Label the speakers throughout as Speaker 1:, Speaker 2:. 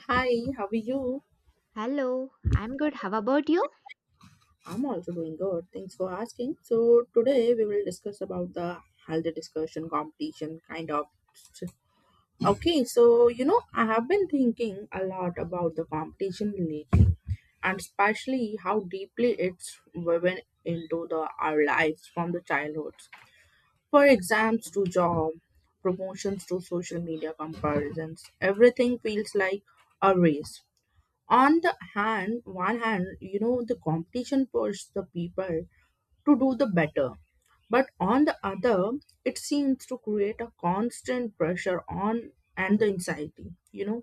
Speaker 1: Hi, how are you?
Speaker 2: Hello, I'm good. How about you?
Speaker 1: I'm also doing good. Thanks for asking. So today we will discuss about the healthy discussion competition kind of. Okay, so you know I have been thinking a lot about the competition lately, and especially how deeply it's woven into the our lives from the childhoods. For exams to job, promotions to social media comparisons, everything feels like a race on the hand one hand you know the competition pushes the people to do the better but on the other it seems to create a constant pressure on and the anxiety you know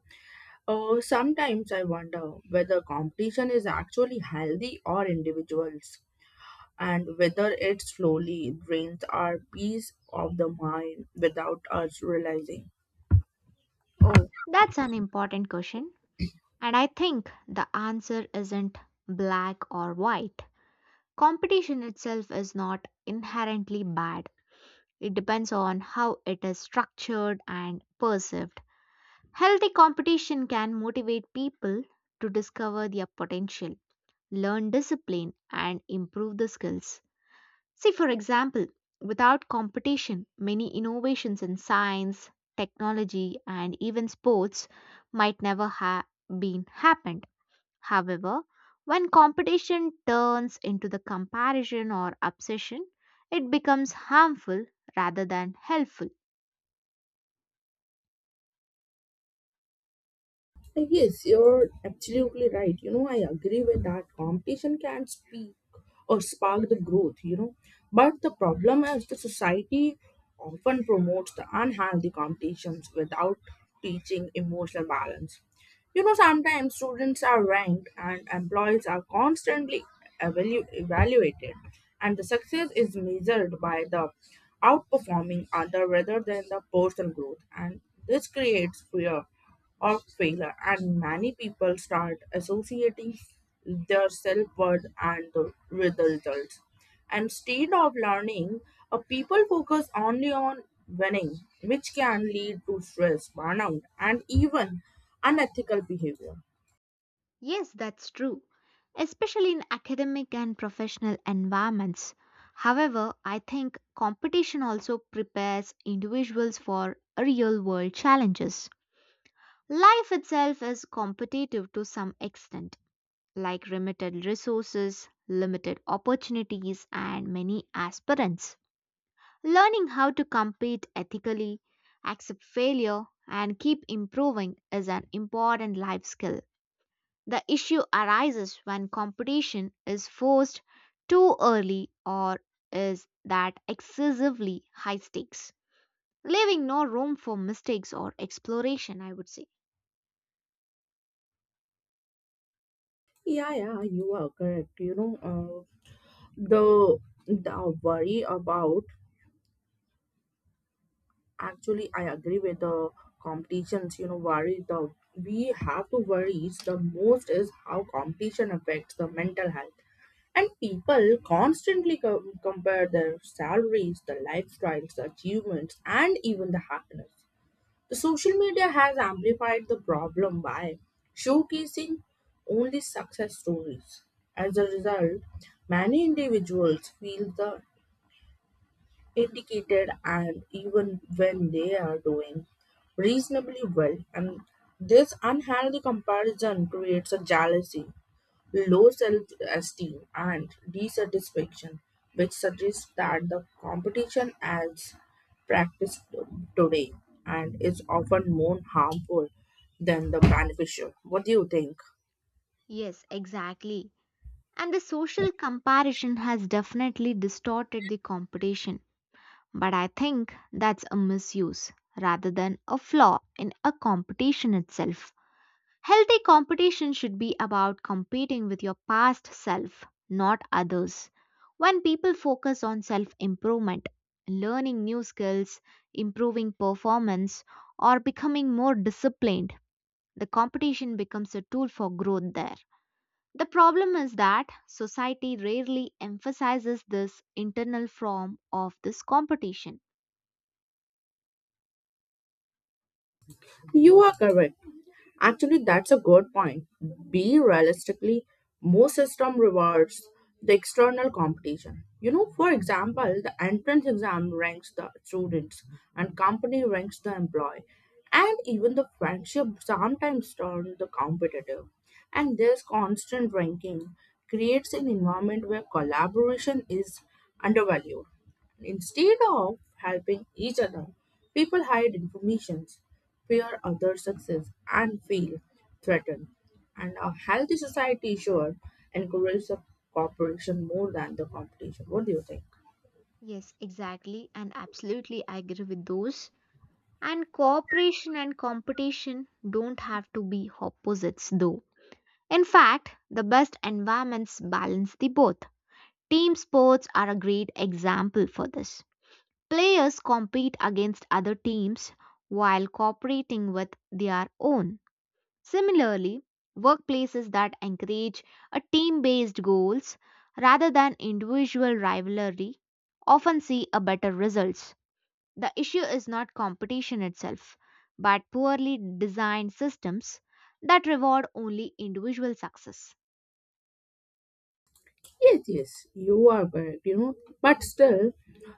Speaker 1: sometimes I wonder whether competition is actually healthy or individuals and whether it slowly drains our peace of the mind without us realizing.
Speaker 2: Oh, that's an important question. And I think the answer isn't black or white. Competition itself is not inherently bad, it depends on how it is structured and perceived. Healthy competition can motivate people to discover their potential, learn discipline, and improve the skills. See, for example, without competition, many innovations in science, technology, and even sports might never have been happened. However, when competition turns into the comparison or obsession, it becomes harmful rather than helpful.
Speaker 1: Like, yes, you're absolutely right. You know, I agree with that. Competition can speak or spark the growth, you know. But the problem is the society often promotes the unhealthy competitions without teaching emotional balance. You know, sometimes students are ranked and employees are constantly evaluated, and the success is measured by the outperforming other rather than the personal growth. And this creates fear of failure, and many people start associating their self worth and the, with the results. Instead of learning, people focus only on winning, which can lead to stress, burnout, and even unethical behavior.
Speaker 2: Yes, that's true, especially in academic and professional environments. However, I think competition also prepares individuals for real world challenges. Life itself is competitive to some extent, like limited resources, limited opportunities, and many aspirants. Learning how to compete ethically, accept failure, and keep improving is an important life skill. The issue arises when competition is forced too early or is that excessively high stakes, leaving no room for mistakes or exploration, I would say.
Speaker 1: Yeah, yeah, you are correct. You know, the the worry about actually, I agree with the competitions. You know, worry the we have to worry the most is how competition affects the mental health. And people constantly compare their salaries, their lifestyles, the achievements, and even the happiness. The social media has amplified the problem by showcasing only success stories. As a result, many individuals feel the indicated and even when they are doing reasonably well and this unhealthy comparison creates a jealousy low self esteem, and dissatisfaction, which suggests that the competition as practiced today and is often more harmful than the beneficial. What do you think?
Speaker 2: Yes, exactly. And the social comparison has definitely distorted the competition. But I think that's a misuse rather than a flaw in a competition itself. Healthy competition should be about competing with your past self, not others. When people focus on self improvement, learning new skills, improving performance, or becoming more disciplined, the competition becomes a tool for growth there. The problem is that society rarely emphasizes this internal form of this competition.
Speaker 1: You are correct. Actually, that's a good point. Be realistically, most system rewards the external competition. You know, for example, the entrance exam ranks the students, and company ranks the employee, and even the friendship sometimes turn the competitive. And this constant ranking creates an environment where collaboration is undervalued. Instead of helping each other, people hide information, fear other success, and feel threatened. And a healthy society sure encourages the cooperation more than the competition. What do you think?
Speaker 2: Yes, exactly, and absolutely I agree with those. And cooperation and competition don't have to be opposites, though. In fact, the best environments balance the both. Team sports are a great example for this. Players compete against other teams while cooperating with their own. Similarly, workplaces that encourage a team-based goals rather than individual rivalry often see a better results. The issue is not competition itself, but poorly designed systems that reward only individual success.
Speaker 1: Yes, yes, you are correct, you know. But still,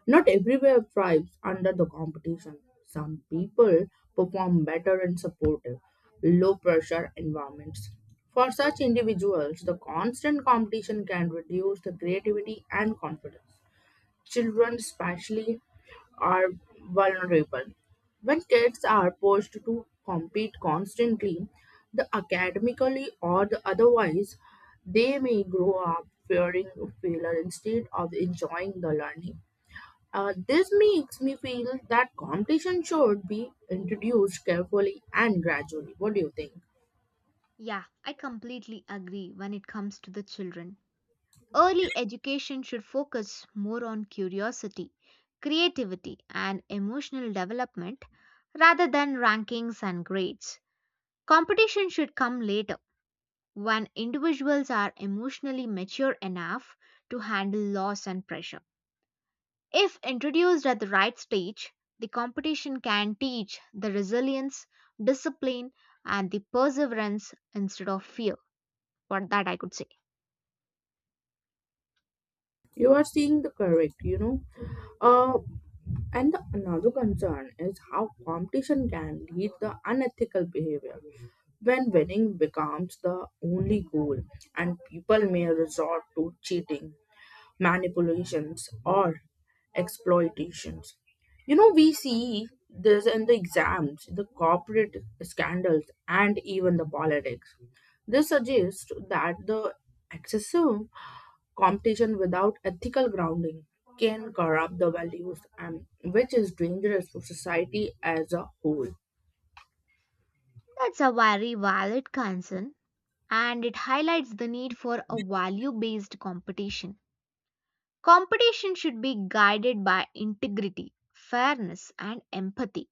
Speaker 1: not everywhere thrives under the competition. Some people perform better in supportive, low pressure environments. For such individuals, the constant competition can reduce the creativity and confidence. Children, especially, are vulnerable. When kids are pushed to compete constantly, the academically or the otherwise, they may grow up fearing failure instead of enjoying the learning. This makes me feel that competition should be introduced carefully and gradually. What do you think?
Speaker 2: Yeah, I completely agree when it comes to the children. Early education should focus more on curiosity, creativity, and emotional development rather than rankings and grades. Competition should come later when individuals are emotionally mature enough to handle loss and pressure. If introduced at the right stage, the competition can teach the resilience, discipline, and the perseverance instead of fear. What that I could say.
Speaker 1: You are seeing the correct, you know. Uh, and the another concern is how competition can lead the unethical behavior. When winning becomes the only goal and people may resort to cheating, manipulations, or exploitations. You know, we see this in the exams, the corporate scandals, and even the politics. This suggests that the excessive competition without ethical grounding can corrupt the values and which is dangerous for society as a whole.
Speaker 2: That's a very valid concern and it highlights the need for a value based competition. Competition should be guided by integrity, fairness, and empathy.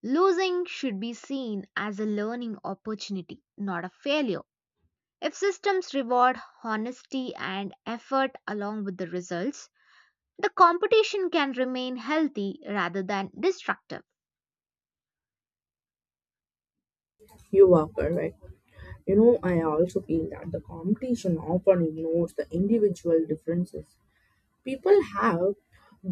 Speaker 2: Losing should be seen as a learning opportunity, not a failure. If systems reward honesty and effort along with the results, the competition can remain healthy rather than destructive.
Speaker 1: You are correct. You know, I also feel that the competition often ignores the individual differences. People have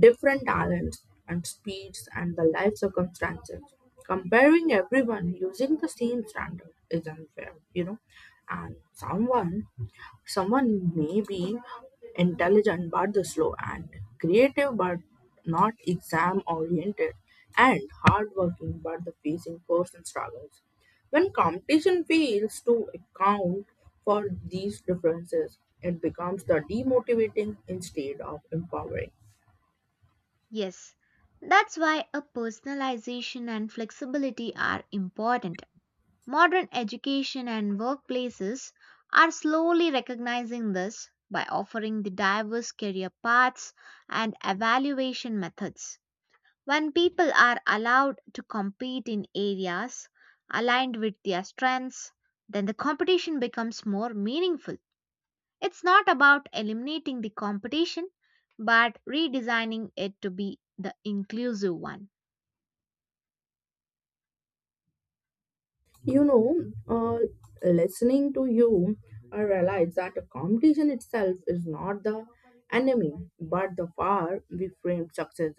Speaker 1: different talents and speeds and the life circumstances. Comparing everyone using the same standard is unfair, you know. And someone someone may be intelligent but the slow and creative but not exam oriented and hardworking but the facing personal struggles. When competition fails to account for these differences, it becomes the demotivating instead of empowering.
Speaker 2: Yes, that's why a personalization and flexibility are important. Modern education and workplaces are slowly recognizing this by offering the diverse career paths and evaluation methods. When people are allowed to compete in areas aligned with their strengths, then the competition becomes more meaningful. It's not about eliminating the competition, but redesigning it to be the inclusive one.
Speaker 1: You know, uh, listening to you, I realize that the competition itself is not the enemy, but the far we frame success.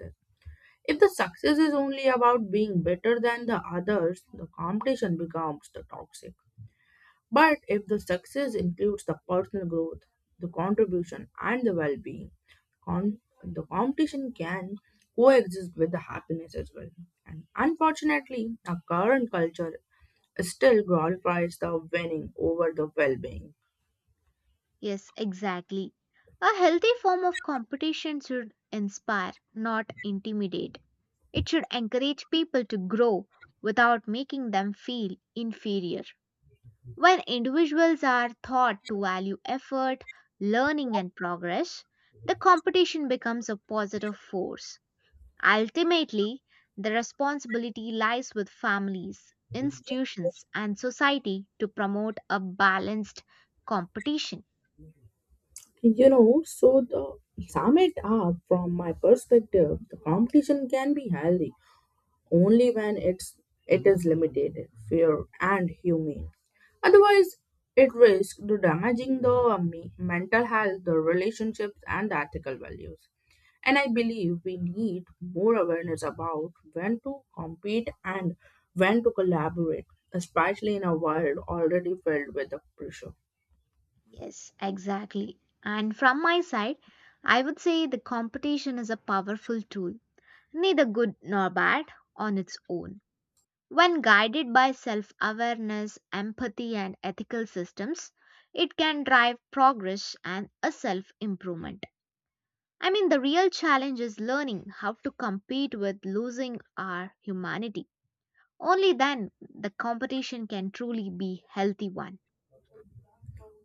Speaker 1: If the success is only about being better than the others, the competition becomes the toxic. But if the success includes the personal growth, the contribution, and the well-being, the competition can coexist with the happiness as well. And unfortunately, our current culture still glorifies the winning over the well-being.
Speaker 2: Yes, exactly. A healthy form of competition should inspire, not intimidate. It should encourage people to grow without making them feel inferior. When individuals are taught to value effort, learning, and progress, the competition becomes a positive force. Ultimately, the responsibility lies with families, institutions, and society to promote a balanced competition.
Speaker 1: You know, so the sum it up from my perspective, the competition can be healthy only when it is limited, fair, and humane. Otherwise, it risks to damaging the mental health, the relationships, and the ethical values. And I believe we need more awareness about when to compete and when to collaborate, especially in a world already filled with the pressure.
Speaker 2: Yes, exactly. And from my side, I would say the competition is a powerful tool, neither good nor bad on its own. When guided by self awareness, empathy, and ethical systems, it can drive progress and a self improvement. I mean, the real challenge is learning how to compete with losing our humanity. Only then the competition can truly be healthy one.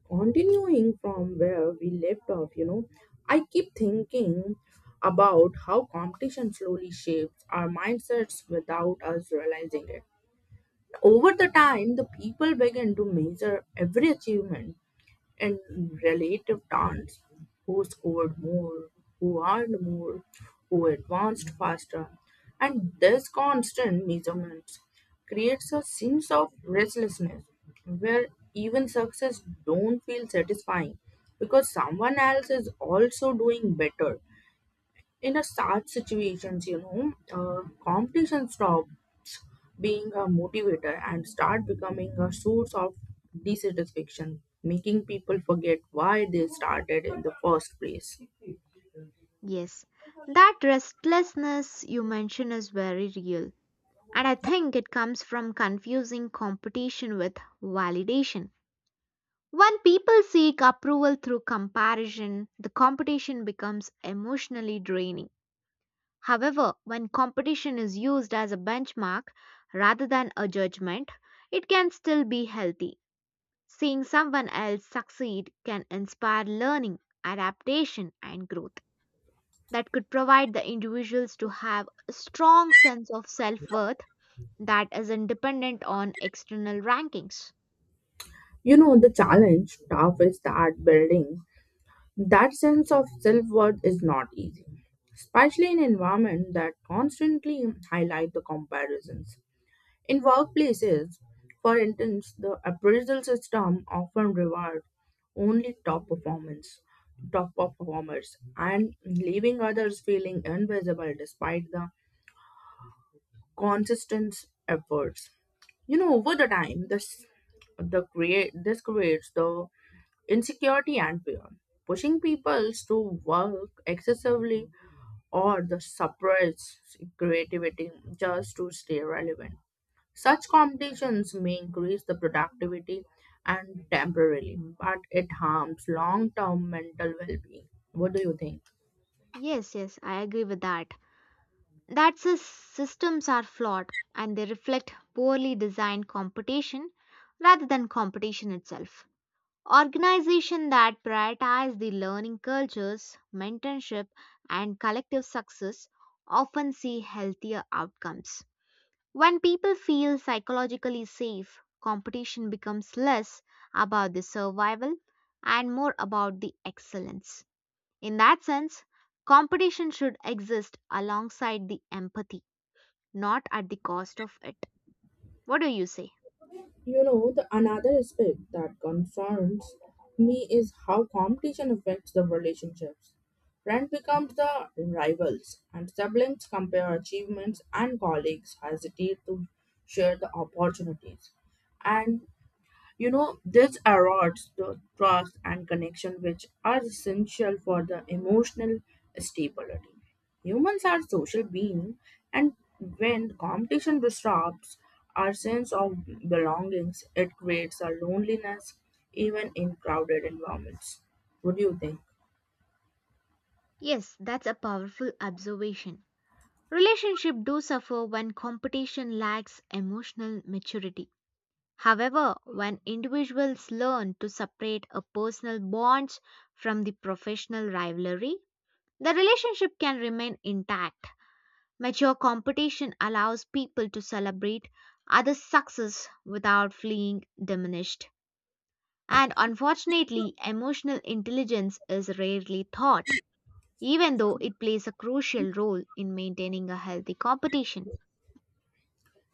Speaker 1: Continuing from where we left off, you know, I keep thinking about how competition slowly shapes our mindsets without us realizing it. Over the time, the people begin to measure every achievement in relative terms, who scored more, who earned more, who advanced faster, and this constant measurement creates a sense of restlessness where even success don't feel satisfying because someone else is also doing better in a such situations you know competition stop being a motivator and start becoming a source of dissatisfaction, making people forget why they started in the first place.
Speaker 2: Yes, that restlessness you mention is very real, and I think it comes from confusing competition with validation. When people seek approval through comparison, the competition becomes emotionally draining. However, when competition is used as a benchmark rather than a judgment, it can still be healthy. Seeing someone else succeed can inspire learning, adaptation, and growth that could provide the individuals to have a strong sense of self-worth that isn't dependent on external rankings.
Speaker 1: You know, the challenge tough is that building that sense of self worth is not easy, especially in environment that constantly highlight the comparisons. In workplaces, for instance, the appraisal system often rewards only top performance, top performers, and leaving others feeling invisible despite the consistent efforts. You know, over the time, this creates the insecurity and fear, pushing people to work excessively or the suppress creativity just to stay relevant. Such competitions may increase the productivity and temporarily, but it harms long-term mental well-being. What do you think?
Speaker 2: Yes, yes, I agree with that. That systems are flawed and they reflect poorly designed competition rather than competition itself. Organizations that prioritize the learning cultures, mentorship, and collective success often see healthier outcomes. When people feel psychologically safe, competition becomes less about the survival and more about the excellence. In that sense, competition should exist alongside the empathy, not at the cost of it. What do you say?
Speaker 1: You know, the another aspect that concerns me is how competition affects the relationships. Friends becomes the rivals, and siblings compare achievements, and colleagues hesitate to share the opportunities. And you know, this erodes the trust and connection which are essential for the emotional stability. Humans are social beings, and when competition disrupts our sense of belongings, it creates a loneliness even in crowded environments. What do you think?
Speaker 2: Yes, that's a powerful observation. Relationships do suffer when competition lacks emotional maturity. However, when individuals learn to separate a personal bonds from the professional rivalry, the relationship can remain intact. Mature competition allows people to celebrate others' success without feeling diminished. And unfortunately, emotional intelligence is rarely taught, even though it plays a crucial role in maintaining a healthy competition.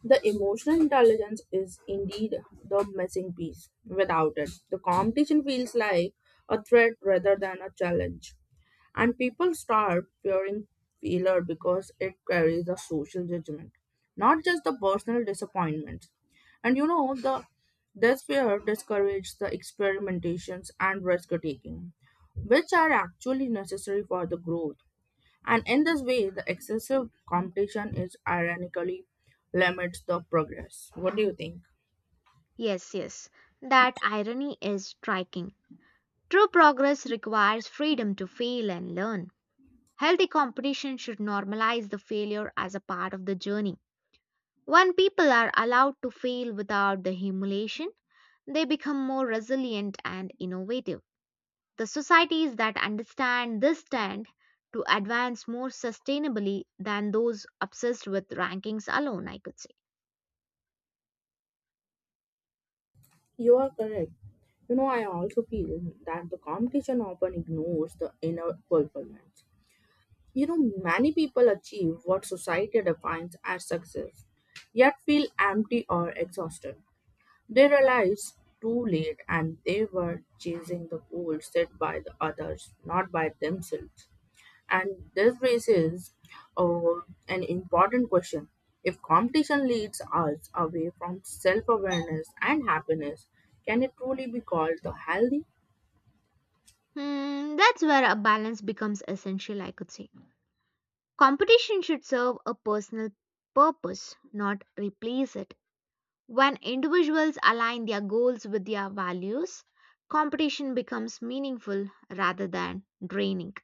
Speaker 1: The emotional intelligence is indeed the missing piece. Without it, the competition feels like a threat rather than a challenge. And people start fearing failure because it carries a social judgment, not just the personal disappointment. And you know, the this fear discourages the experimentations and risk taking, which are actually necessary for the growth. And in this way, the excessive competition is ironically limits the progress. What do you think?
Speaker 2: Yes, yes, that irony is striking. True progress requires freedom to fail and learn. Healthy competition should normalize the failure as a part of the journey. When people are allowed to fail without the humiliation, they become more resilient and innovative. The societies that understand this tend to advance more sustainably than those obsessed with rankings alone, I could say.
Speaker 1: You are correct. You know, I also feel that the competition often ignores the inner fulfillment. You know, many people achieve what society defines as success, yet feel empty or exhausted. They realize too late and they were chasing the goal set by the others, not by themselves. And this raises uh, an important question. If competition leads us away from self awareness and happiness, can it truly be called the healthy?
Speaker 2: Hmm, that's where a balance becomes essential, I could say. Competition should serve a personal purpose, not replace it. When individuals align their goals with their values, competition becomes meaningful rather than draining.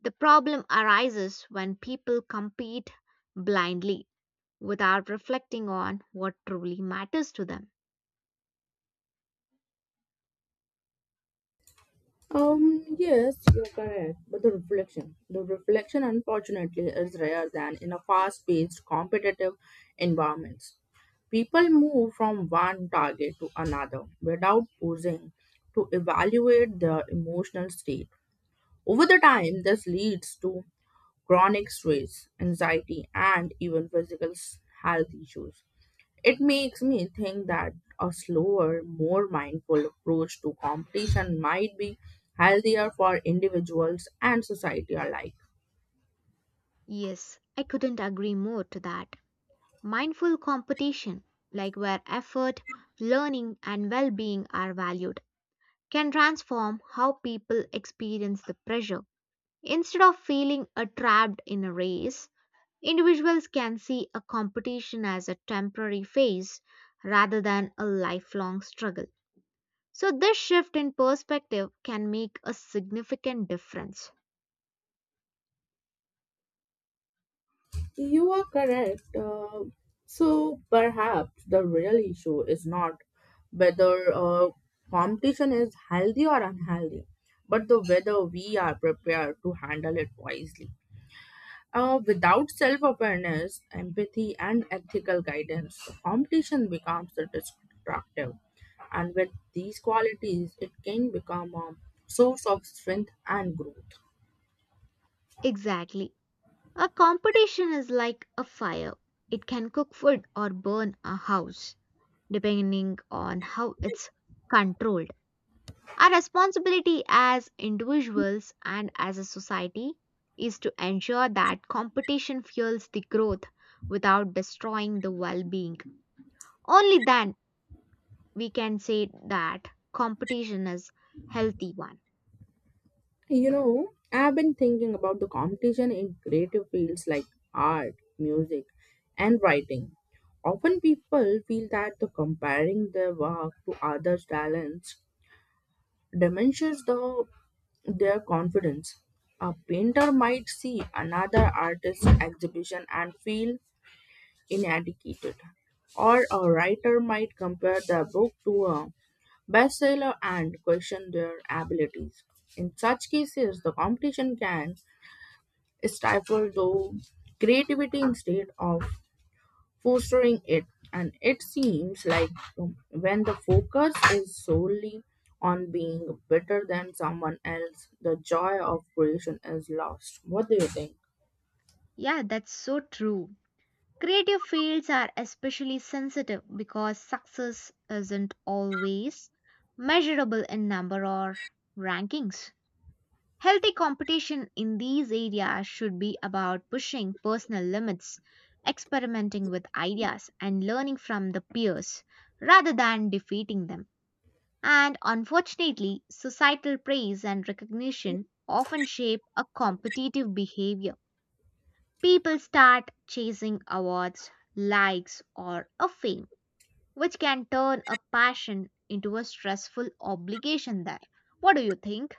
Speaker 2: The problem arises when people compete blindly without reflecting on what truly matters to them.
Speaker 1: Yes, you're correct. But the reflection, unfortunately, is rare than in a fast-paced, competitive environments. People move from one target to another without pausing to evaluate their emotional state. Over the time, this leads to chronic stress, anxiety, and even physical health issues. It makes me think that a slower, more mindful approach to competition might be healthier for individuals and society alike.
Speaker 2: Yes, I couldn't agree more to that. Mindful competition, like where effort, learning, and well being are valued, can transform how people experience the pressure. Instead of feeling trapped in a race, individuals can see a competition as a temporary phase rather than a lifelong struggle. So, this shift in perspective can make a significant difference.
Speaker 1: You are correct. So perhaps the real issue is not whether competition is healthy or unhealthy, but the whether we are prepared to handle it wisely. Without self awareness, empathy, and ethical guidance, the competition becomes destructive. And with these qualities, it can become a source of strength and growth.
Speaker 2: Exactly. A competition is like a fire, it can cook food or burn a house, depending on how it's controlled. Our responsibility as individuals and as a society is to ensure that competition fuels the growth without destroying the well being. Only then we can say that competition is healthy one.
Speaker 1: You know, I've been thinking about the competition in creative fields like art, music, and writing. Often people feel that the comparing their work to others' talents diminishes the, their confidence. A painter might see another artist's exhibition and feel inadequate, or a writer might compare their book to a bestseller and question their abilities. In such cases, the competition can stifle the creativity instead of fostering it. And it seems like when the focus is solely on being better than someone else, the joy of creation is lost. What do you think?
Speaker 2: Yeah, that's so true. Creative fields are especially sensitive because success isn't always measurable in number or rankings. Healthy competition in these areas should be about pushing personal limits, experimenting with ideas, and learning from the peers rather than defeating them. And unfortunately, societal praise and recognition often shape a competitive behavior. People start chasing awards, likes, or a fame, which can turn a passion into a stressful obligation there. What do you think?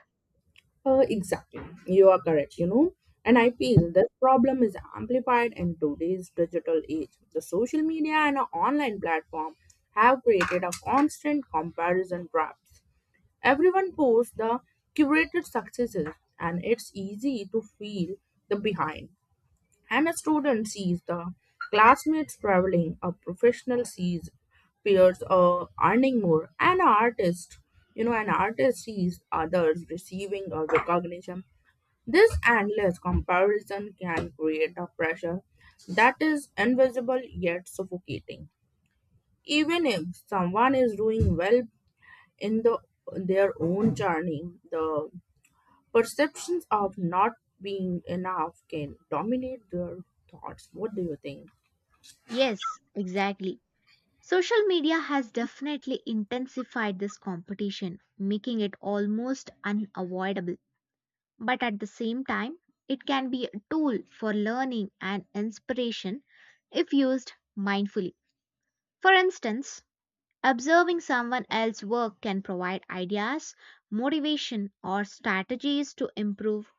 Speaker 1: Exactly. You are correct, you know. And I feel this problem is amplified in today's digital age. The social media and our online platform have created a constant comparison trap. Everyone posts the curated successes, and it's easy to feel the behind. And a student sees the classmates traveling, a professional sees peers earning more, and an artist, you know, an artist sees others receiving a recognition. This endless comparison can create a pressure that is invisible yet suffocating. Even if someone is doing well in the their own journey, the perceptions of not being enough can dominate their thoughts. What do you think?
Speaker 2: Yes, exactly. Social media has definitely intensified this competition, making it almost unavoidable. But at the same time, it can be a tool for learning and inspiration if used mindfully. For instance, observing someone else's work can provide ideas, motivation, or strategies to improve.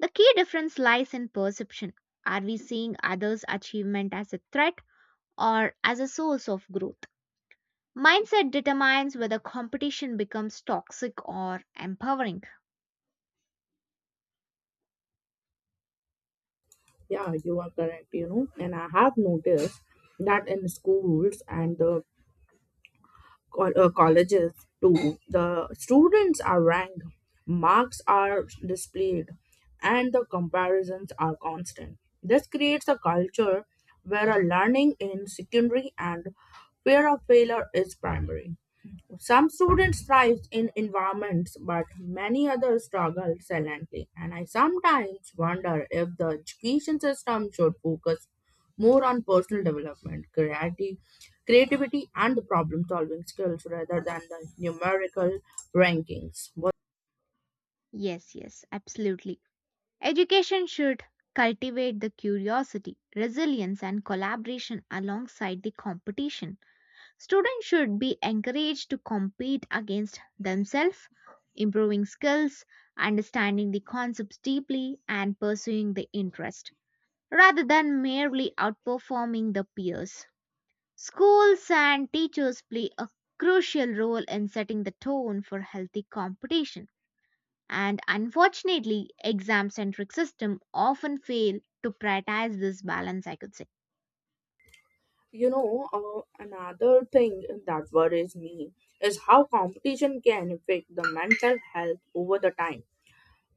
Speaker 2: The key difference lies in perception. Are we seeing others' achievement as a threat or as a source of growth? Mindset determines whether competition becomes toxic or empowering.
Speaker 1: Yeah, you are correct, you know. And I have noticed that in schools and the colleges too, the students are ranked, marks are displayed, and the comparisons are constant. This creates a culture where a learning in secondary and fear of failure is primary. Some students thrive in environments, but many others struggle silently. And I sometimes wonder if the education system should focus more on personal development, creativity, and the problem solving skills rather than the numerical rankings. But
Speaker 2: Yes, yes, absolutely. Education should cultivate the curiosity, resilience, and collaboration alongside the competition. Students should be encouraged to compete against themselves, improving skills, understanding the concepts deeply, and pursuing the interest, rather than merely outperforming the peers. Schools and teachers play a crucial role in setting the tone for healthy competition. And unfortunately, exam centric system often fail to prioritize this balance, I could say.
Speaker 1: you know, another thing that worries me is how competition can affect the mental health over the time.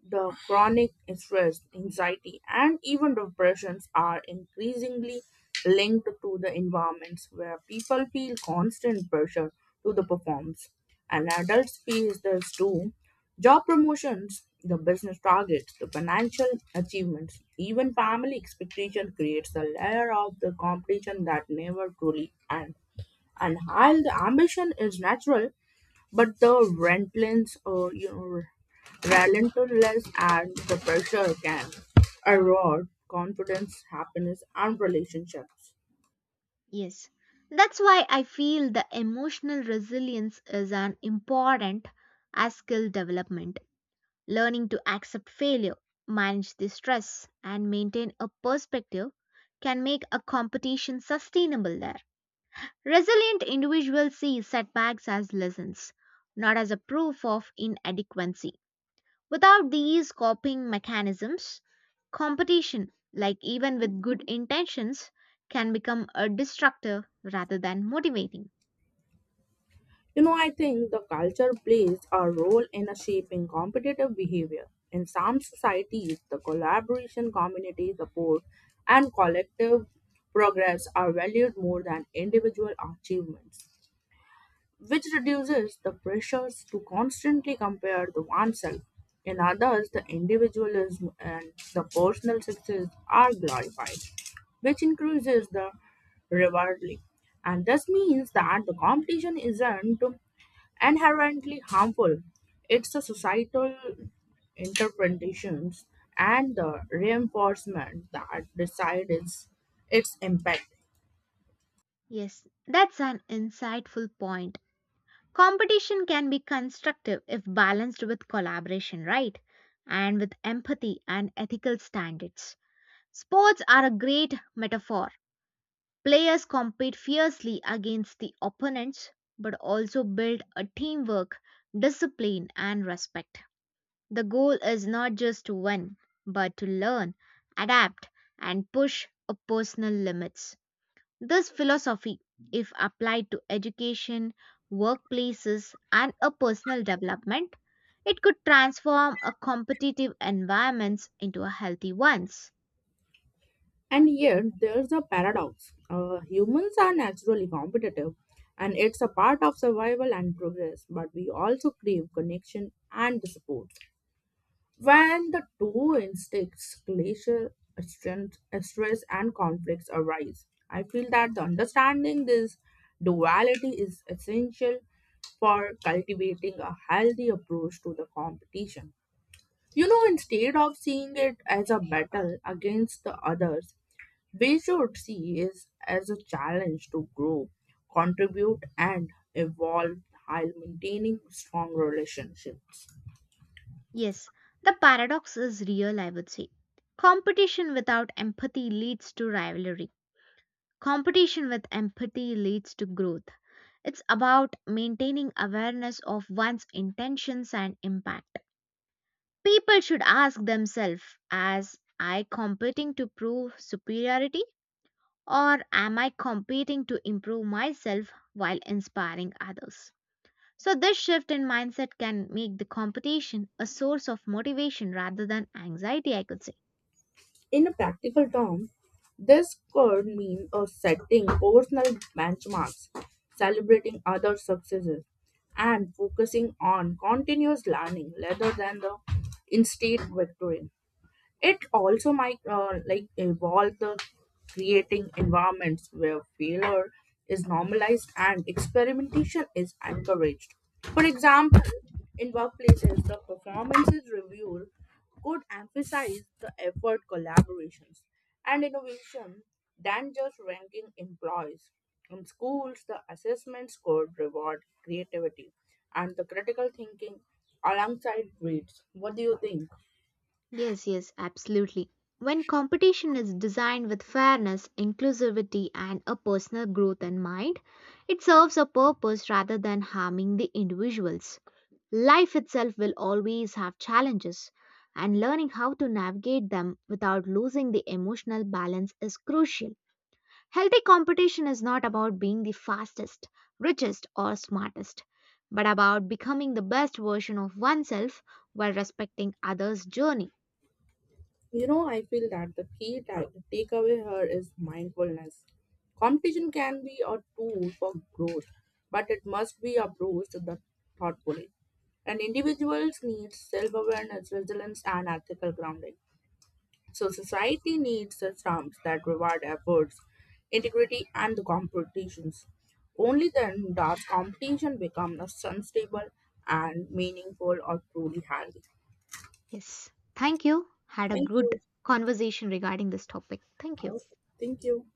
Speaker 1: The chronic stress, anxiety, and even depressions are increasingly linked to the environments where people feel constant pressure to the performance. And adults face this too. Job promotions, the business targets, the financial achievements, even family expectation creates a layer of the competition that never truly ends. And while the ambition is natural, but the Rentlands, you know, relentless and the pressure can erode confidence, happiness, and relationships.
Speaker 2: Yes. That's why I feel the emotional resilience is an important as skill development. Learning to accept failure, manage the stress, and maintain a perspective can make a competition sustainable there. Resilient individuals see setbacks as lessons, not as a proof of inadequacy. Without these coping mechanisms, competition, like even with good intentions, can become a destructive rather than motivating.
Speaker 1: You know, I think the culture plays a role in a shaping competitive behavior. In some societies, the collaboration, community support, and collective progress are valued more than individual achievements. Which reduces the pressures to constantly compare the oneself. In others, the individualism and the personal success are glorified, which increases the rivalry. And this means that the competition isn't inherently harmful. It's the societal interpretations and the reinforcement that decides its impact.
Speaker 2: Yes, that's an insightful point. Competition can be constructive if balanced with collaboration, right? And with empathy and ethical standards. Sports are a great metaphor. Players compete fiercely against the opponents but also build a teamwork, discipline, and respect. The goal is not just to win, but to learn, adapt, and push a personal limits. This philosophy, if applied to education, workplaces, and a personal development, it could transform a competitive environments into a healthy ones.
Speaker 1: And yet, there's a paradox. Humans are naturally competitive, and it's a part of survival and progress, but we also crave connection and support. When the two instincts, glacial strength, stress, and conflicts arise, I feel that the understanding this duality is essential for cultivating a healthy approach to the competition. You know, instead of seeing it as a battle against the others, we should see is as a challenge to grow, contribute, and evolve while maintaining strong relationships.
Speaker 2: Yes, the paradox is real, I would say. Competition without empathy leads to rivalry. Competition with empathy leads to growth. It's about maintaining awareness of one's intentions and impact. People should ask themselves, as I competing to prove superiority or am I competing to improve myself while inspiring others? So, this shift in mindset can make the competition a source of motivation rather than anxiety, I could say.
Speaker 1: In a practical term, this could mean a setting personal benchmarks, celebrating other successes, and focusing on continuous learning rather than the instant victory. It also might like evolve the creating environments where failure is normalized and experimentation is encouraged. For example, in workplaces, the performances review could emphasize the effort collaborations and innovation than just ranking employees. In schools, the assessments could reward creativity and the critical thinking alongside grades. What do you think?
Speaker 2: Yes, yes, absolutely. When competition is designed with fairness, inclusivity, and a personal growth in mind, it serves a purpose rather than harming the individuals. Life itself will always have challenges, and learning how to navigate them without losing the emotional balance is crucial. Healthy competition is not about being the fastest, richest, or smartest, but about becoming the best version of oneself while respecting others' journey.
Speaker 1: You know, I feel that the key takeaway here is mindfulness. Competition can be a tool for growth, but it must be approached thoughtfully. And individuals need self awareness, resilience, and ethical grounding. So, society needs systems that reward efforts, integrity, and the competitions. Only then does competition become a sustainable and meaningful or truly healthy.
Speaker 2: Yes. Thank you. Had a
Speaker 1: Thank
Speaker 2: good
Speaker 1: you.
Speaker 2: conversation regarding this topic. Thank you.
Speaker 1: Thank you.